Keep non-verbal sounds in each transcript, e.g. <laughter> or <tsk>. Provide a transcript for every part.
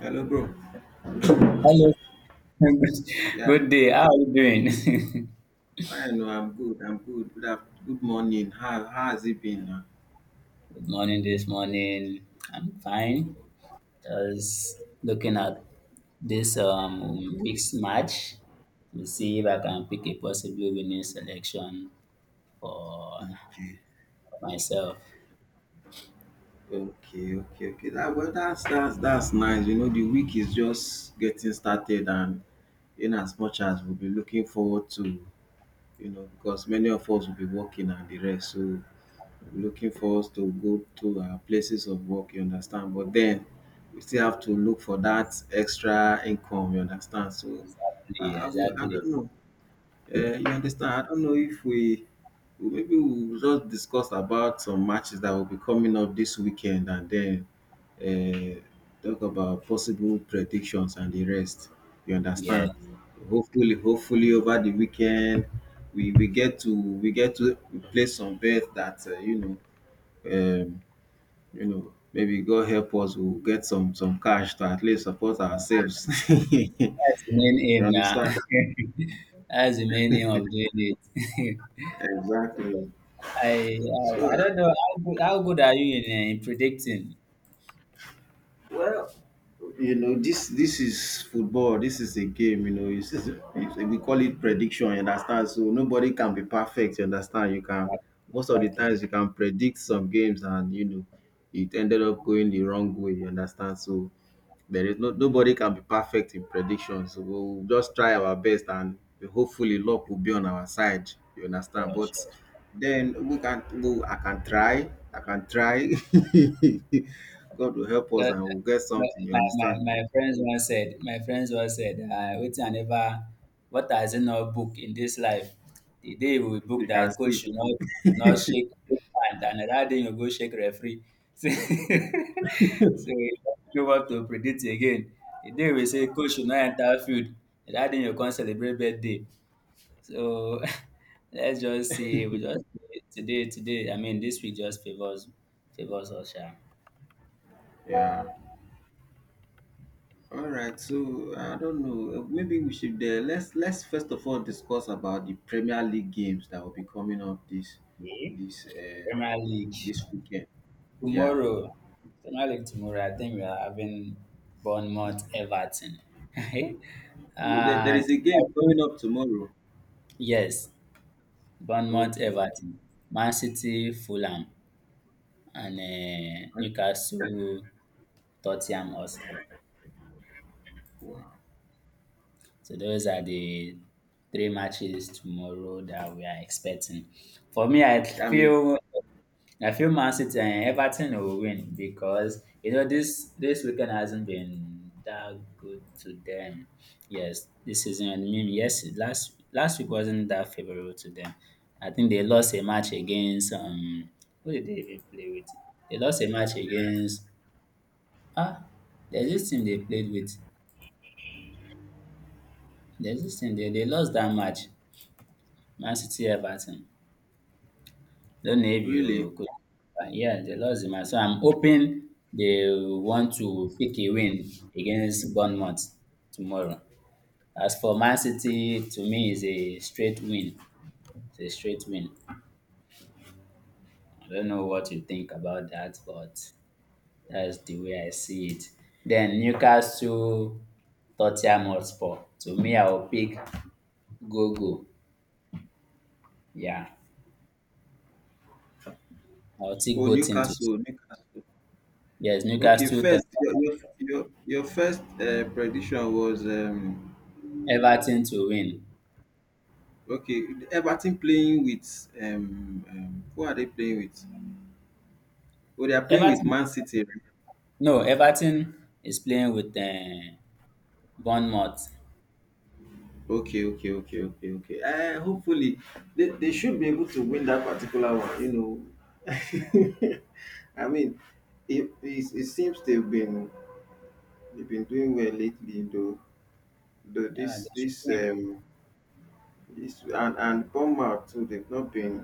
Hello, bro. Hello. <laughs> Good Yeah, good day. How are you doing? fine. No, I'm good. I'm good. Good, good morning. How has it been? Now? <laughs> Good morning this morning. I'm fine. Just looking at this week's match to see if I can pick a possibly winning selection for Okay, myself. okay, okay, okay. That well, that's nice. You know, the week is just getting started, and in as much as we'll be looking forward to, because many of us will be working and the rest, so we'll be looking for us to go to our places of work. You understand? But then we still have to look for that extra income. You understand? So Yeah, I exactly. don't know. You understand? I don't know if maybe we'll just discuss about some matches that will be coming up this weekend and then uh, talk about possible predictions and the rest. You Yes. understand? Hopefully, over the weekend we get to place some bet that maybe God help us, we'll get some cash to at least support ourselves. <laughs> That's the main you aim now. understand? <laughs> That's the main aim of doing it. <laughs> Exactly. I, I So I don't know how good are you in predicting? Well, you know, this is football. This is a game. You know, we call it prediction. You understand? So nobody can be perfect. You understand? You can Most of the Exactly. times you can predict some games, and it ended up going the wrong way. You understand? So there is no nobody can be perfect in predictions. We'll just try our best, and hopefully luck will be on our side. You Sure, understand? But sure, sure. then I can try. I can try. <laughs> God will help us So and we'll get my, something, you my, my understand? my friends once said, waiting I never, what has he not book in this life? The day we You book can that coach see. should not shake hand, and another day you go shake referee. <laughs> So, so you don't know what to predict again. The day we say coach should not enter field, that day you can't celebrate birthday. So <laughs> let's just see. We just today. I mean, this week just favors us, sha. Yeah. All right. So I don't know. Maybe we should let's first of all discuss about the Premier League games that will be coming up Yeah. this uh, Premier League. this weekend. Yeah. Tomorrow, so not like tomorrow, I think we are having Bournemouth Everton. <laughs> There uh, is a game coming up tomorrow. yes, Bournemouth Okay, okay. Everton, Man City, Fulham, and I- Newcastle, Tottenham Hotspur. Wow. So those are the three matches tomorrow that we are expecting. For me, I I mean, feel I feel Man City and Everton will win because this weekend hasn't been that good to them. Yes, this season. I mean, yes, last week wasn't that favorable to them. I think they lost a match against. Who did they even play with? They lost a match against ah. There's this team they played with. There's this team they lost that match. Man City Everton. Don't know if you really? could. But yeah, they lost the match. So I'm hoping they want to pick a win against Bournemouth tomorrow. As for Man City, to me, is a straight win. It's a straight win. I don't know what you think about that, but that's the way I see it. Then Newcastle, Tottenham Hotspur. To me, I will pick Go-Go. Yeah, I'll take Oh, both teams. Newcastle, Newcastle. Yes, Okay, Newcastle, Tottenham, first, your first prediction was Everton to win. okay. Everton playing with who are they playing with? Oh, they are playing with Everton Man City, right? No, Everton is playing with Bournemouth. Okay, okay, okay, okay, okay. Hopefully, they should be able to win that particular one. You know, <laughs> I mean, it seems they've been doing well lately, though. The Yeah, they this should this win. This and Bournemouth too, they've not been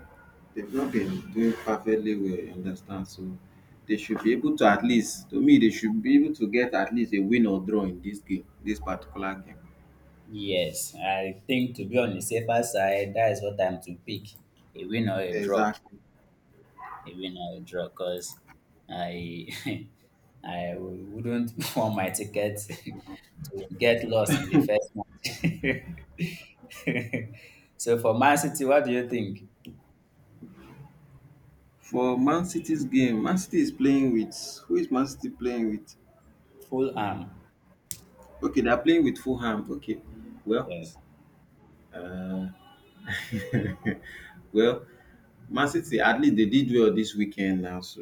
they've not been doing perfectly well, you understand, so they should be able to at least to me, they should be able to get at least a win or draw in this game, this particular game. Yes, I think to be on the safer side, that is what I'm to pick: a win or a draw. Exactly. A win or a draw, because I <laughs> I wouldn't <laughs> want my ticket <laughs> to get lost in the first match. <laughs> So for Man City, what do you think? For Man City's game, Man City is playing with who is Man City playing with? Full arm, Okay, they are playing with Fulham. Okay, well, yes. well, Man City at least they did well this weekend now, so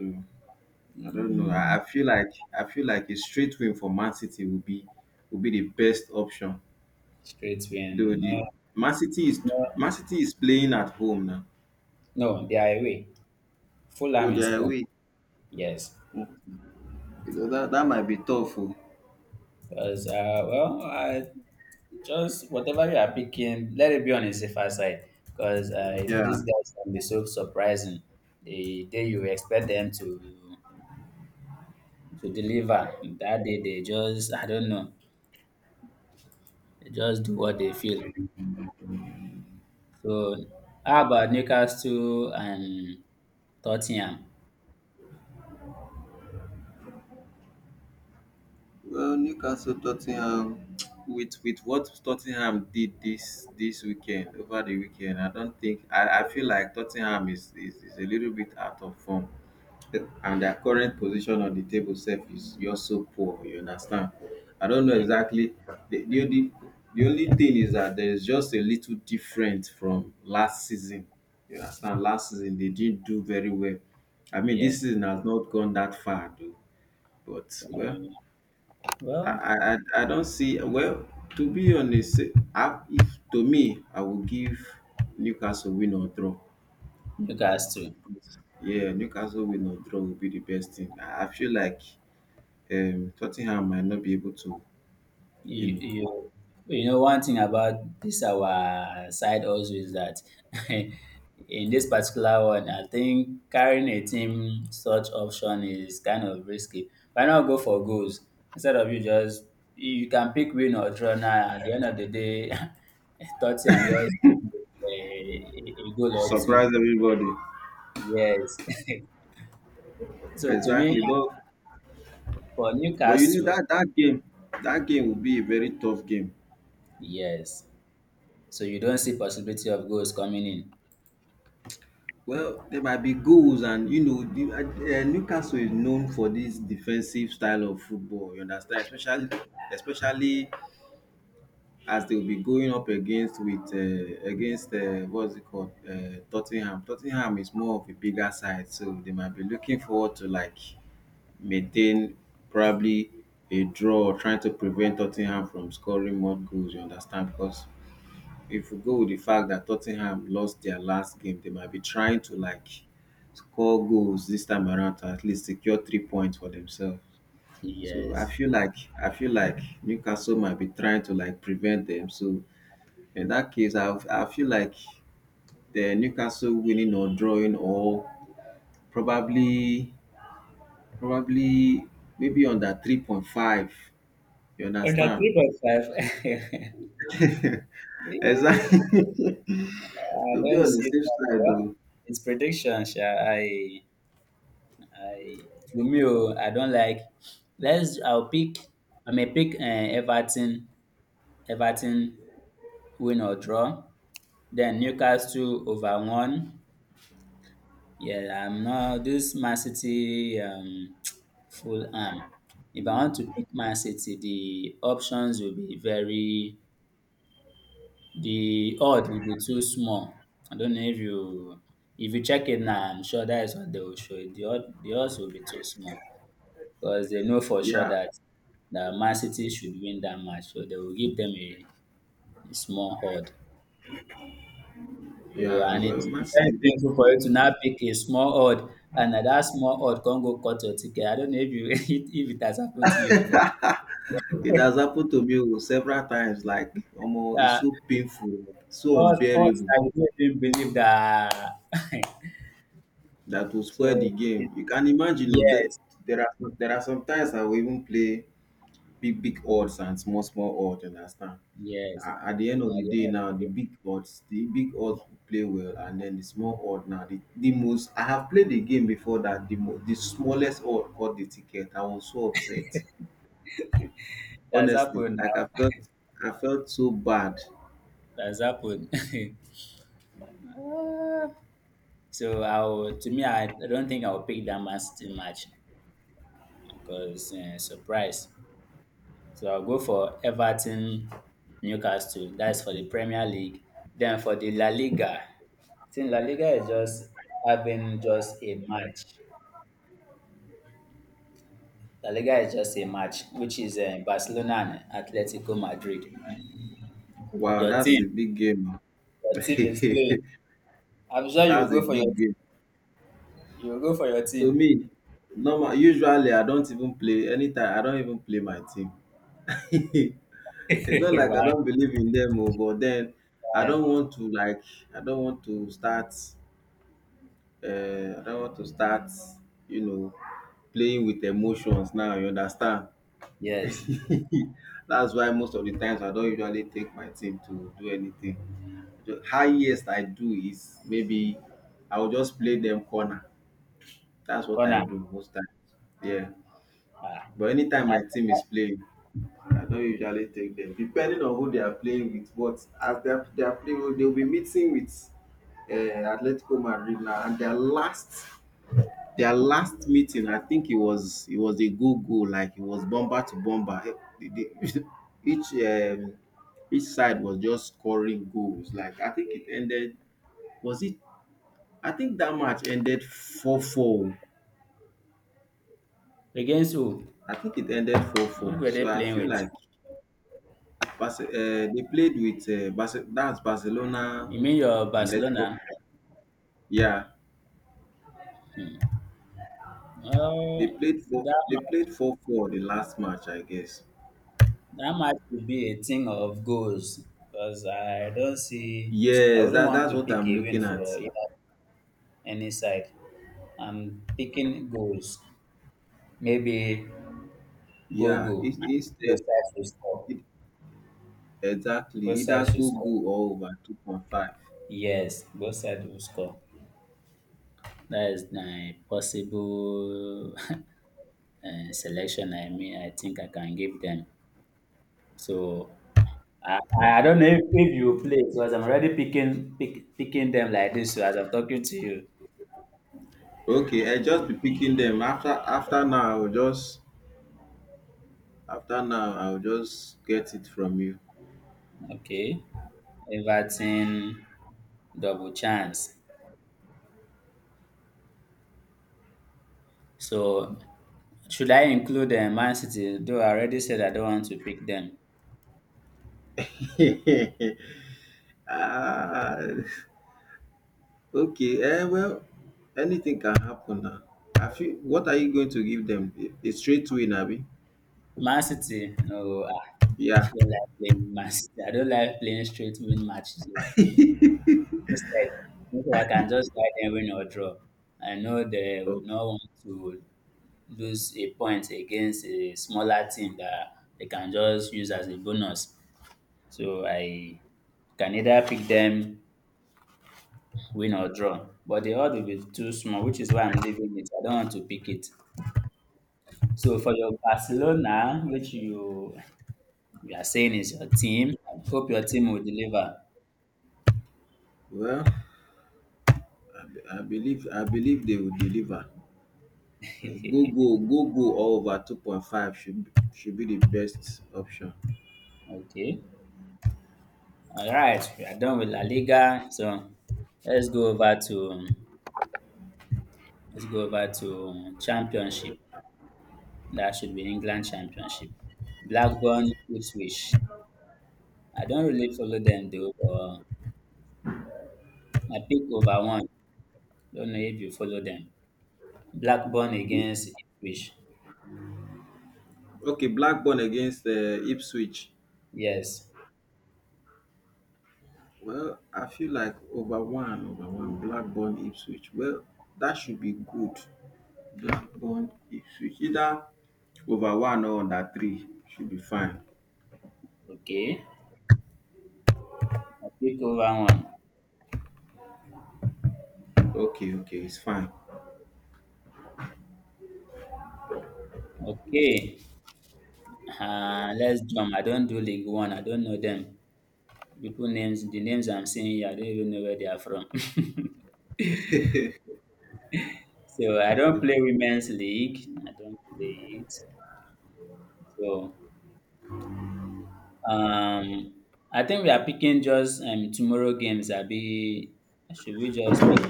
I don't know. Mm, I feel like a straight win for Man City will be the best option. straight Though win. the Man City is No, Man City is playing at home now. no, they are away. Oh, Fulham they is are home. away. Yes. You know, that might be tough. Oh. Because, well, I just whatever you are picking, let it be on the safer side. Because, Yeah. these guys can be so surprising. The day you expect them to deliver, that day they just, I don't know, they just do what they feel. So, how about Newcastle and Tottenham? Well, Newcastle, Tottenham. With what Tottenham did this this weekend over the weekend, I don't think. I feel like Tottenham is a little bit out of form, and their current position on the table sef is just so poor, you understand? I don't know Yeah, exactly. The, the, the, the only thing is that there is just a little different from last season. You understand? Last season they didn't do very well. I mean, yeah. this season has not gone that far, though. But So, well, I well, I, I I don't see. Well, to be honest, if to me, I will give Newcastle win or draw. Newcastle. Yeah, Newcastle win or draw will be the best thing. I feel like Tottenham might not be able to, you You, know, you, you know, one thing about this our side also is that <laughs> in this particular one, I think carrying a team such option is kind of risky. Why not go for goals instead of you can pick win or draw now at the end of the day, <laughs> 30 and just a goal or two. surprise everybody. Yes. <laughs> So to me, Exactly, for but you know Newcastle, that game will be a very tough game. yes. So you don't see possibility of goals coming in. Well, there might be goals, and Newcastle is known for this defensive style of football. You understand, especially as they will be going up against with against Tottenham. Tottenham is more of a bigger side, so they might be looking forward to like maintain probably a draw or trying to prevent Tottenham from scoring more goals, you understand? Because if we go with the fact that Tottenham lost their last game, they might be trying to like score goals this time around to at least secure 3 points for themselves. So I Yes. feel like I feel like Newcastle might be trying to like prevent them. So in that case, I feel like the Newcastle winning or drawing or probably probably maybe under three point five. You Oh, not understand? 3.5. <laughs> Exact <laughs> I To be don't on the see safe that. side Well, oh. it's prediction, sha. I, to me, oh, I don't like. Let's. I'll pick. I may pick Everton. Everton win or draw. Then Newcastle over one. Yeah, I'm not this Man City <tsk> full arm. If I want to pick Man City, the options will be very. The odd will be too small. I don't know if you check it now, I'm sure that is what they will show you. The odds will be too small because they know for sure Yeah, that the Man City should win that match, so they will give them a small odd. So, yeah, and well, it's man very still painful for you to now pick a small odd, and at that small odd can go cut your ticket. I don't know if you <laughs> if it has happened to you before. it has happened to me, oh, several times. Like omo, it's Yeah, so painful, so odds unbearable. I don't even believe that. That <laughs> will spoil the So it, game. You can imagine. Oh, there yes, there are some times I will even play big, big odds and small, small odds, you understand? yes. At the end And of the at the day end now, of the the. big odds the big odds will play well, and then the small odd now, the most. I have played the game before that, the the smallest odd got the ticket. I was so upset, That's honestly. happened Like, I felt so bad. now. That's happened. <laughs> So I will, to me, I don't think I'll pick that Man City match because surprise. So I'll go for Everton, Newcastle. That's for the Premier League. Then for the La Liga, I think La Liga is just having just a match. La Liga is just a match, which is Barcelona and Atletico Madrid. Wow, Your that's team, a big game, man. your team is playing. <laughs> I'm sure you will That's a go for your, big game you will go for your to team. me. Normal usually I don't even play anytime I don't even play my team. <laughs> It's not <laughs> like I Why? don't believe in them, oh, but then I uh, don't want to like I don't want to start. I not want to start, you know playing with emotions now, you understand? yes, <laughs> That's why most of the times I don't usually take my team to do anything. The highest I do is, maybe I will just play them corner. That's what I corner. do most times, yeah. Ah. But anytime my team is playing, I don't usually take them, depending on who they are playing with. But as they are, they are playing, they will be meeting with um Atletico Madrid now, and their last... Their last meeting, I think it was a go go, like it was bomber to bomber. The- the- <laughs> Each um, each side was just scoring goals. Like, I think it ended. Was it? I think that match ended 4-4. Against who? I think it ended four Who four. were So they I playing feel with? like they played with that's Barcelona, You mean your and Atletico. Barcelona? Yeah, Hmm. they Oh, played four. that They ma- played 4-4 the last match, I guess. that match will be a thing of goals because I don't see. I Yes, wouldn't that want that's to what pick I'm a win looking at. for either, any side. I'm picking goals. Maybe go Yeah, go. Both sides will score. E- Exactly, Both either sides should score. go-go or over 2.5. Yes, both sides will score. That is my possible <laughs> selection. I mean, I think I can give them. So I don't know if you play. So as I'm already picking them like this so as I'm talking to you. Okay, I just be picking them. After now, I'll just get it from you. Okay, Everton, double chance. So should I include Man City? Though I already said I don't want to pick them. <laughs> ah, okay, well, anything can happen now. What are you going to give them? A straight win, Abi? Man City, no, I Yeah. don't like playing Man City. I don't like playing straight win matches. Instead, I can just guide them win or draw. I know they would Okay. not want to lose a point against a smaller team that they can just use as a bonus. So I can either pick them win or draw. But the odds will be too small, which is why I'm leaving it. I don't want to pick it. So for your Barcelona, which you are saying is your team, I hope your team will deliver. Well, I believe they will deliver. Go go <laughs> go go all over 2.5 should be the best option. Okay. All right, we are done with La Liga, so let's go over to Championship. That should be England Championship. Blackburn, Ipswich. I don't really follow them though, but my pick over one. Don't know if you follow them. Blackburn against Ipswich. Okay, Blackburn against Ipswich. Yes. Well, I feel like over one. Over one, Blackburn, Ipswich. Well, that should be good. Blackburn, Ipswich, either over one or under three should be fine. Okay. My pick over one. Okay, okay, it's fine. Okay. Let's jump. I don't do League One. I don't know them. People names, the names I'm seeing here, I don't even know where they are from. <laughs> So I don't play women's league. I don't play it. So um, I think we are picking just tomorrow games. I be should we just pick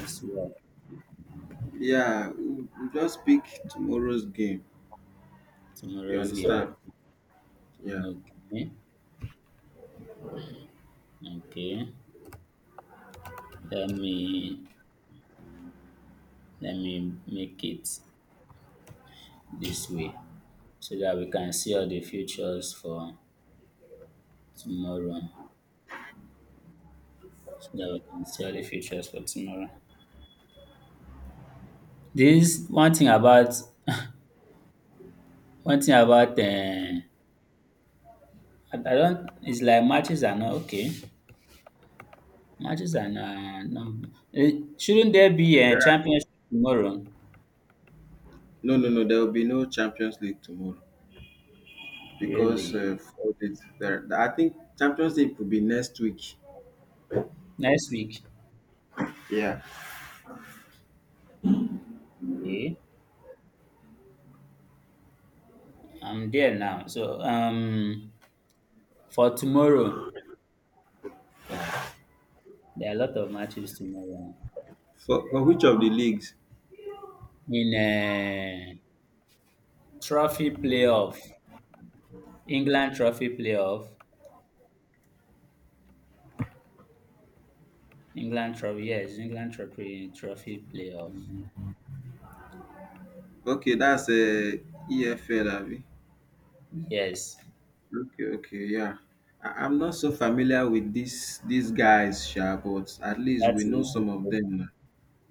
as well Yeah, we just pick tomorrow's game. You tomorrow's game? understand? Yeah. Okay, okay. Let me let me make it this way so that we can see all the futures for tomorrow. So that we can see all the futures for tomorrow. This one thing about one thing about uh, I don't. It's like matches are not okay. Matches are not. No, eh, shouldn't there be There a are- championship tomorrow? No, no, no. There will be no Champions League tomorrow, because Really? I think Champions League will be next week. Next week? Yeah. Okay. I'm there now. So for tomorrow, there are a lot of matches tomorrow. For which of the leagues? In a trophy playoff. England trophy playoff. England trophy, yes, England trophy playoff. Okay, that's EFL, Abi. Yes. Okay, okay, yeah. I'm not so familiar with these guys, sha, but at least we That's know easy. some of them now.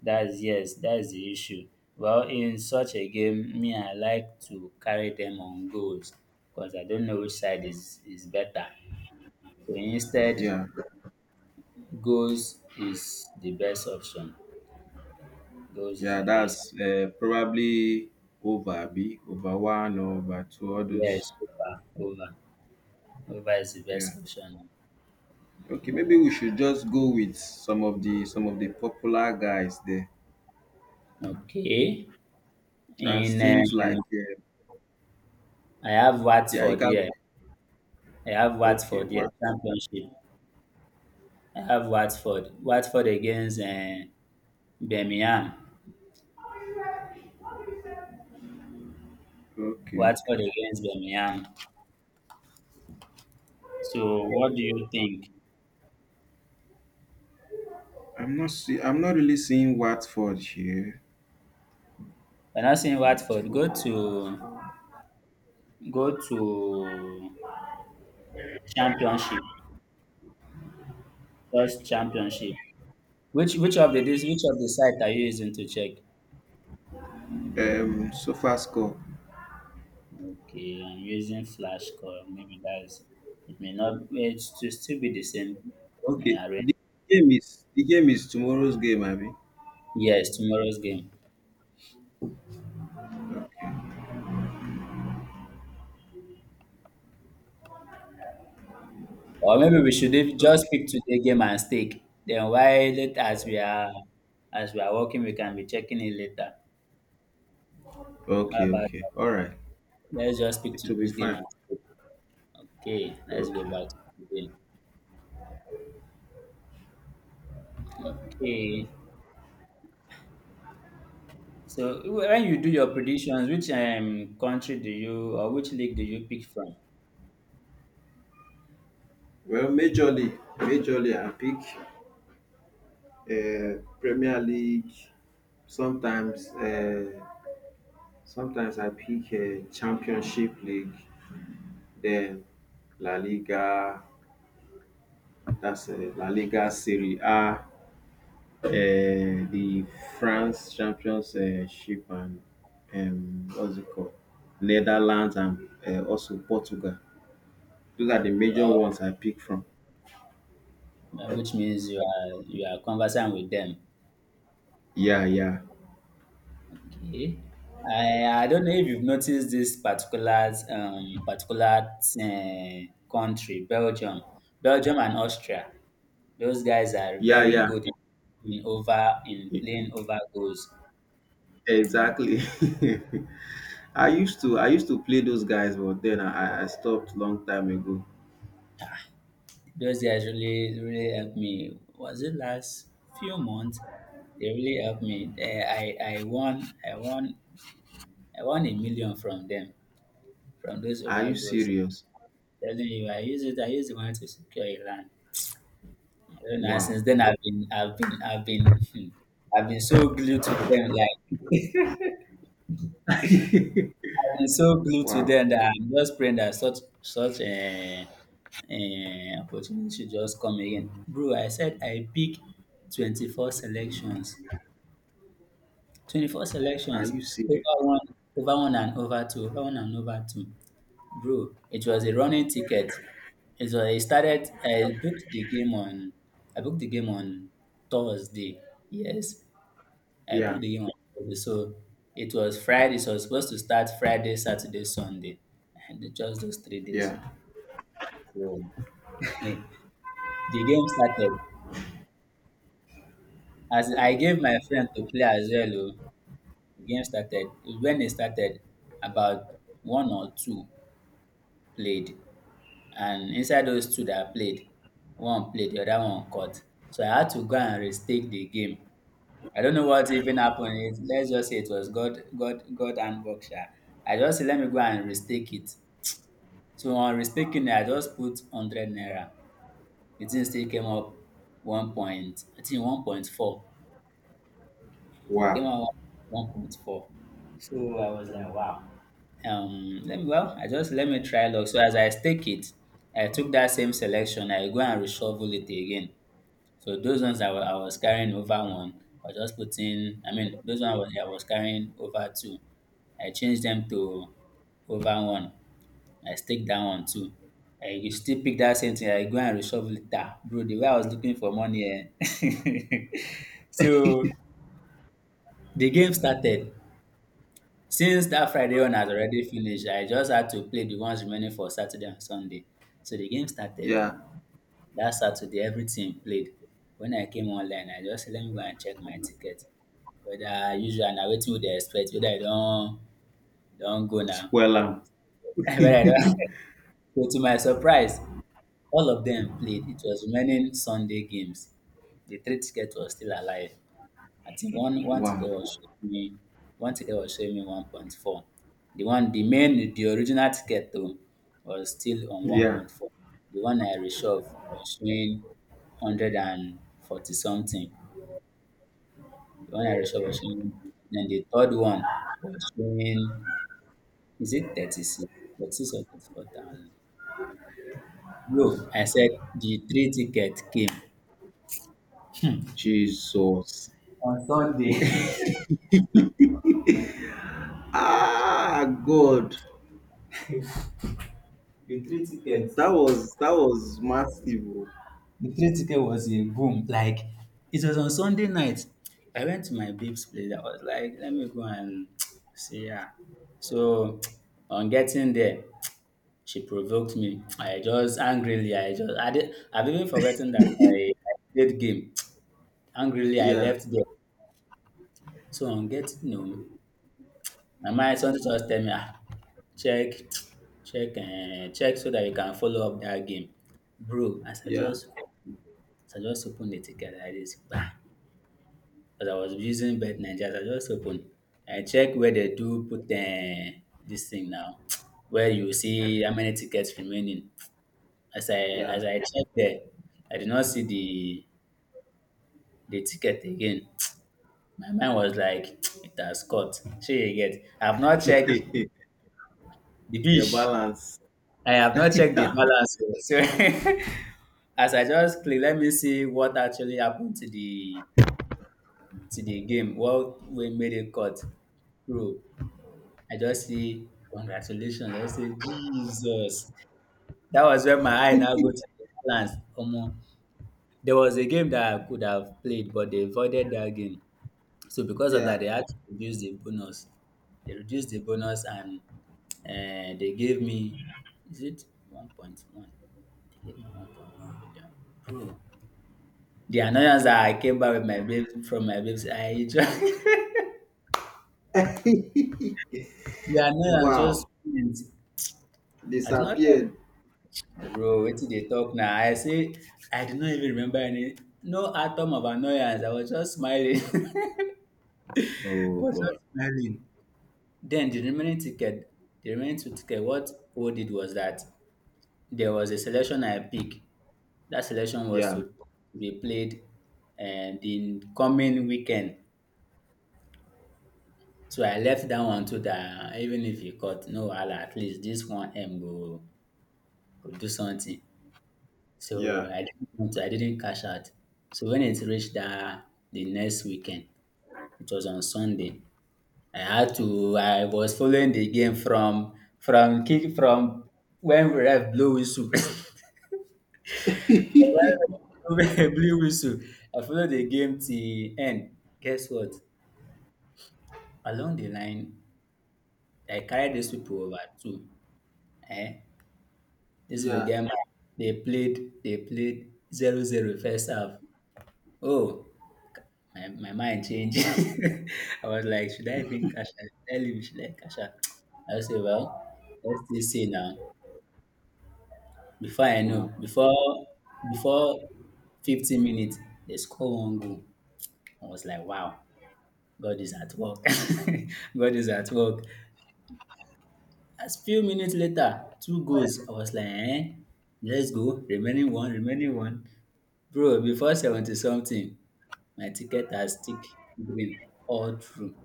That's yes, that's the issue. Well, in such a game, me I like to carry them on goals because I don't know which side is better. So instead, Yeah, goals is the best option. Goals is yeah, the best. that's probably over, Abi, over one or over two others. Yes, over, over, over is the Yeah. best option. Okay, maybe we should just go with some of the popular guys there. Okay. That In seems like I have yeah, you Watford can. here. I have Okay, Watford here. what? Championship. I have Watford. Watford against Birmingham. Okay, Watford okay. against Birmingham. So what do you think? I'm not really seeing Watford here. We're not saying White Watford four, white four. go to championship, first championship. Which of the site are you using to check? So far score. Okay, I'm using Flashcore. Maybe that's it. May not it to still be the same Okay. The arrangement. game is the game is tomorrow's game, Abby. Yes, tomorrow's game. Or maybe we should have just Okay. pick today game and stake. Then while it as we are working, we can be checking it later. How Okay, about okay. that? All right. Let's just pick It will be today's game fine. and stake. Okay, let's go Okay. back to today. Okay, so when you do your predictions, which country do you or which league do you pick from? Well, majorly, I pick Premier League. Sometimes, uh, Sometimes I pick Championship League. Then La Liga. That's La Liga, Serie A, the France championship, and what's it called? Netherlands, and also Portugal. Those are the major Well, ones I pick from. Which means you are conversant with them. Yeah, yeah, Okay, I don't know if you've noticed this particular particular uh, country, Belgium and Austria. Those guys are yeah, very yeah. good in over in E- playing over goals. Exactly. <laughs> I used to play those guys, but then I stopped long time ago. Those guys really, really helped me. Was it last few months? They really helped me. I, I won, I won, I won a million from them, from those Are over you goals. serious? Telling you, I use it. I use the money to secure a land. I don't know, Wow, since then, <laughs> I've been so glued to them. Like I've been so glued to wow. them that I'm just praying that such a opportunity should just come again, bro. I said I pick 24 selections, 21st Are elections, you over serious? one, over one and over two, over one and over two. Bro, it was a running ticket. It was, I started, I booked the game on Thursday. Yes, I Yeah, booked the game on Thursday. So it was Friday. So it was supposed to start Friday, Saturday, Sunday. And just those 3 days. yeah. So <laughs> the game started. As I gave my friend to play as well, oh, the game started. When it started, about one or two played, and inside those two that I played, one played, the other one caught. So I had to go and restake the game. I don't know what even happened. It, let's just say it was God, God, God and Boksha. I just said, let me go and restake it. So on restaking, I just put 100 naira. The thing still came up 1 point, I think 1.4. It came Wow. out 1.4. So I was like, wow. Let me, well, I just let me try luck. So as I stake it, I took that same selection. I go and reshuffle it again. So those ones I I was carrying over one, I was just putting. I mean, those ones I was carrying over two. I changed them to over one. I stake that one too. I you still pick that same thing. I go and reshuffle it. Ah, bro, the way I was looking for money. Eh? <laughs> So the game started. Since that Friday one has already finished, I just had to play the ones remaining for Saturday and Sunday. So the game started Yeah. that Saturday, every team played. When I came online, I just said, let me go and check my ticket. Whether usual na wetin we dey expect, whether I don don go now. Swell 'em. <laughs> Whether I don <laughs> so to my surprise, all of dem played. It was remaining Sunday games. The three ticket was still alive. I think one ticket Wow. was showing me, one ticket was showing me 1.4. The one, the main, the original ticket though, was still on Yeah. 1.4. The one I reshoved was showing 140 something. The one I reshoved was showing, then the third one was showing, is it 36? 36 or 34,000? No, I said the three ticket came Jesus. on Sunday. Ah, God, <laughs> The three tickets. that was massive, oh. The 3 ticket was a boom. Like it was on Sunday night. I went to my babe's place. I was like, let me go and <tsk> see her. So <tsk> on getting there, <tsk> she provoked me. I just angrily, I just I did, I've even forgotten that I played game. <tsk> Angrily I Yeah, left there. So on getting home, my mind something just tell me, "Ah, check, <tsk> check and check so that you can follow up that game." Bro, as I yeah, just, as I just opened the ticket like this, bam. As I was using Bet Nigeria, as I just opened, I check where they do put the this thing now, <tsk> where you see how many tickets remaining. As I, yeah. as I checked there, I did not see the ticket again. <tsk> My mind was like, <tsk> it has caught. Sure you get. I have not checked <laughs> the Their dish. balance. I have not checked the <laughs> balance. Oh. So <laughs> as I just click, let me see what actually happened to the, to the game. What we made it cut, bro. I just say, congratulations. I just say, Jesus. That was when my eye now go to the balance. Omo. There was a game that I could have played, but they avoided that game. So because of Yeah. that, they had to reduce the bonus. They reduced the bonus and they gave me, is it 1.1? They gave me 1.1 million. Bro. The annoyance that I came back with, my babes, from my babes, I just, <laughs> the annoyance just Wow. went. I do not like. Disappeared. Bro, wetin you dey talk now? I say I do not even remember any, no atom of annoyance. I was just smiling. <laughs> I Oh, was boy. just smiling. Then the remaining ticket, the remaining two ticket, what we did was that there was a selection I picked. That selection was Yeah, to be played and the coming weekend. So I left that one to that, even if you cut no wahala, at least this one M go go do something. So yeah, I didn't cash out. So when it reached the next weekend, it was on Sunday. I had to. I was following the game from kick, from when we ref blew whistle. <laughs> <laughs> From when we ref blew whistle. I followed the game till end. Guess what? Along the line, I carried these people over too. Eh? This people yeah. game. They played zero zero first half. Oh, my mind changed. <laughs> I was like, should I even cash out? Tell him, should I cash out? I was say, well, let's just see now. Before I know, Wow, before, before 15 minutes, they score one goal. I was like, wow, God is at work. <laughs> God is at work. As few minutes later, two goals. I was like, eh, let's go. Remaining one, remaining one. Bro, before 70 something, my ticket has tick green all through.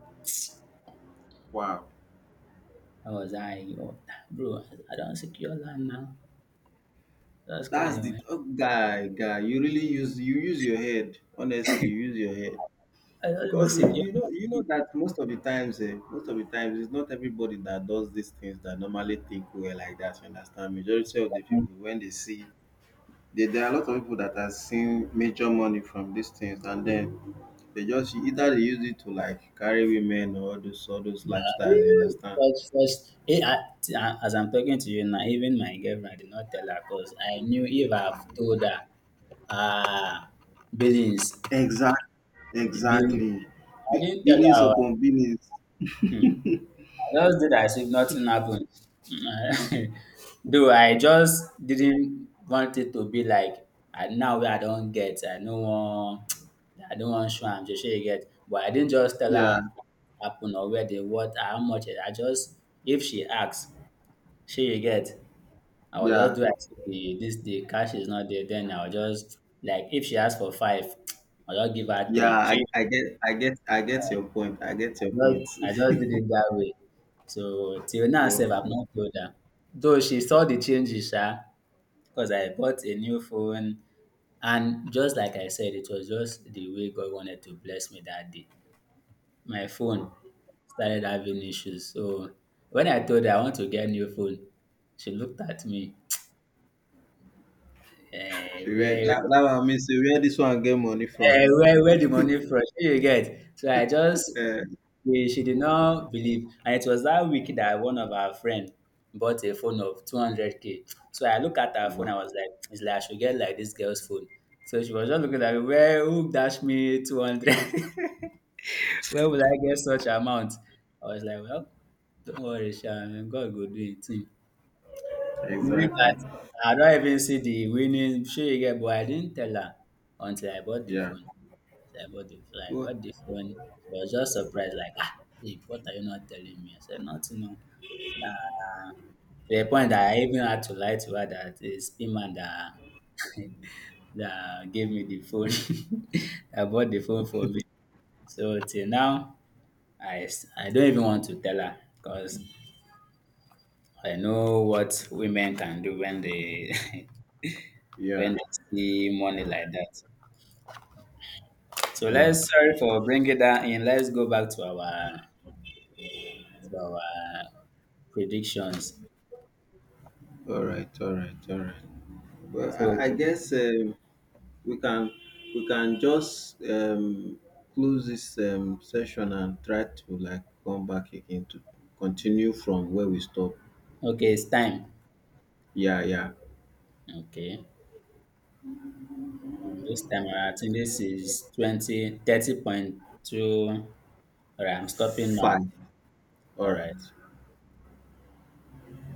wow. That was, I, yo, bro. I don't secure land now. That's That's guy, the man. Oh, guy, guy. You really use your head. Honestly, you use your head. I don't even Because you, secure you know that most of the times, most of the times, it's not everybody that does these things that normally think well like that, you understand. Majority of the land people, when they see... There are a lot of people that have seen major money from these things, and then they just either they use it to like carry women or those, all those now. lifestyles, you understand. First, first, eh, as I'm talking to you now, even my girlfriend, did not tell her because I knew if I've told her, ah, uh, Billings, Exactly, Billings. exactly. I didn't tell Billions her. upon billions. hmm, Just did as if nothing happened. <laughs> Though I just didn't want it to be like I now wey I don get, I no wan, <tsk> I no wan show am sey shey you get. But I didn't just tell yeah her what happen or where, the what, how much. I just, if she ask shey you get, I go just yeah do as if the, this, the cash is not there. Then I go just, like if she ask for five, <tsk> I go just give her yeah three, I, shey. I get i get i get your point, I just I <laughs> just did it that way. So till now Oh, sef I've oh, not told her. Though she saw the changes sha, because I bought a new phone, and just like I said, it was just the way God wanted to bless me that day. My phone oh. started having issues. So when I told her I want to get new phone, she looked at me. Eh, See where where, that one means, say where this one get money from. where the money from? Shey you get? So I just, Uh, yeah, she did not believe. And it was that week that one of our friend bought a phone of 200k. So I looked at her phone, I wow. was like, it's like I should get like this girl's phone. So she was just looking at me, where, who dash me 200? <laughs> Where will I get such amount? I was like, well, don't worry, Sha, God will do it. Knowing Exactly. that I don't even see the winning, sure you get, but I didn't tell her until I bought the Yeah. phone. So I about the fly. I Well, got the phone. She was just surprised, like, ah, babe, what are you not telling me? I said, nothing. No. To the point that I even had to lie to her that it's him and that, <laughs> that gave me the phone, <laughs> that bought the phone for me. So till now, I don't even want to tell her, because I know what women can do when they <laughs> when yeah. they see money like that. So Wow. let's, sorry for bringing that in. Let's go back to our, to our predictions. All right. All right. All right. Well, I, So I guess we can we can just close this session and try to like come back again to continue from where we stop. Okay, it's time. Yeah. Yeah. Okay. This time, I think this is 2030.2. All right, I'm stopping now. Fine. All All right. right.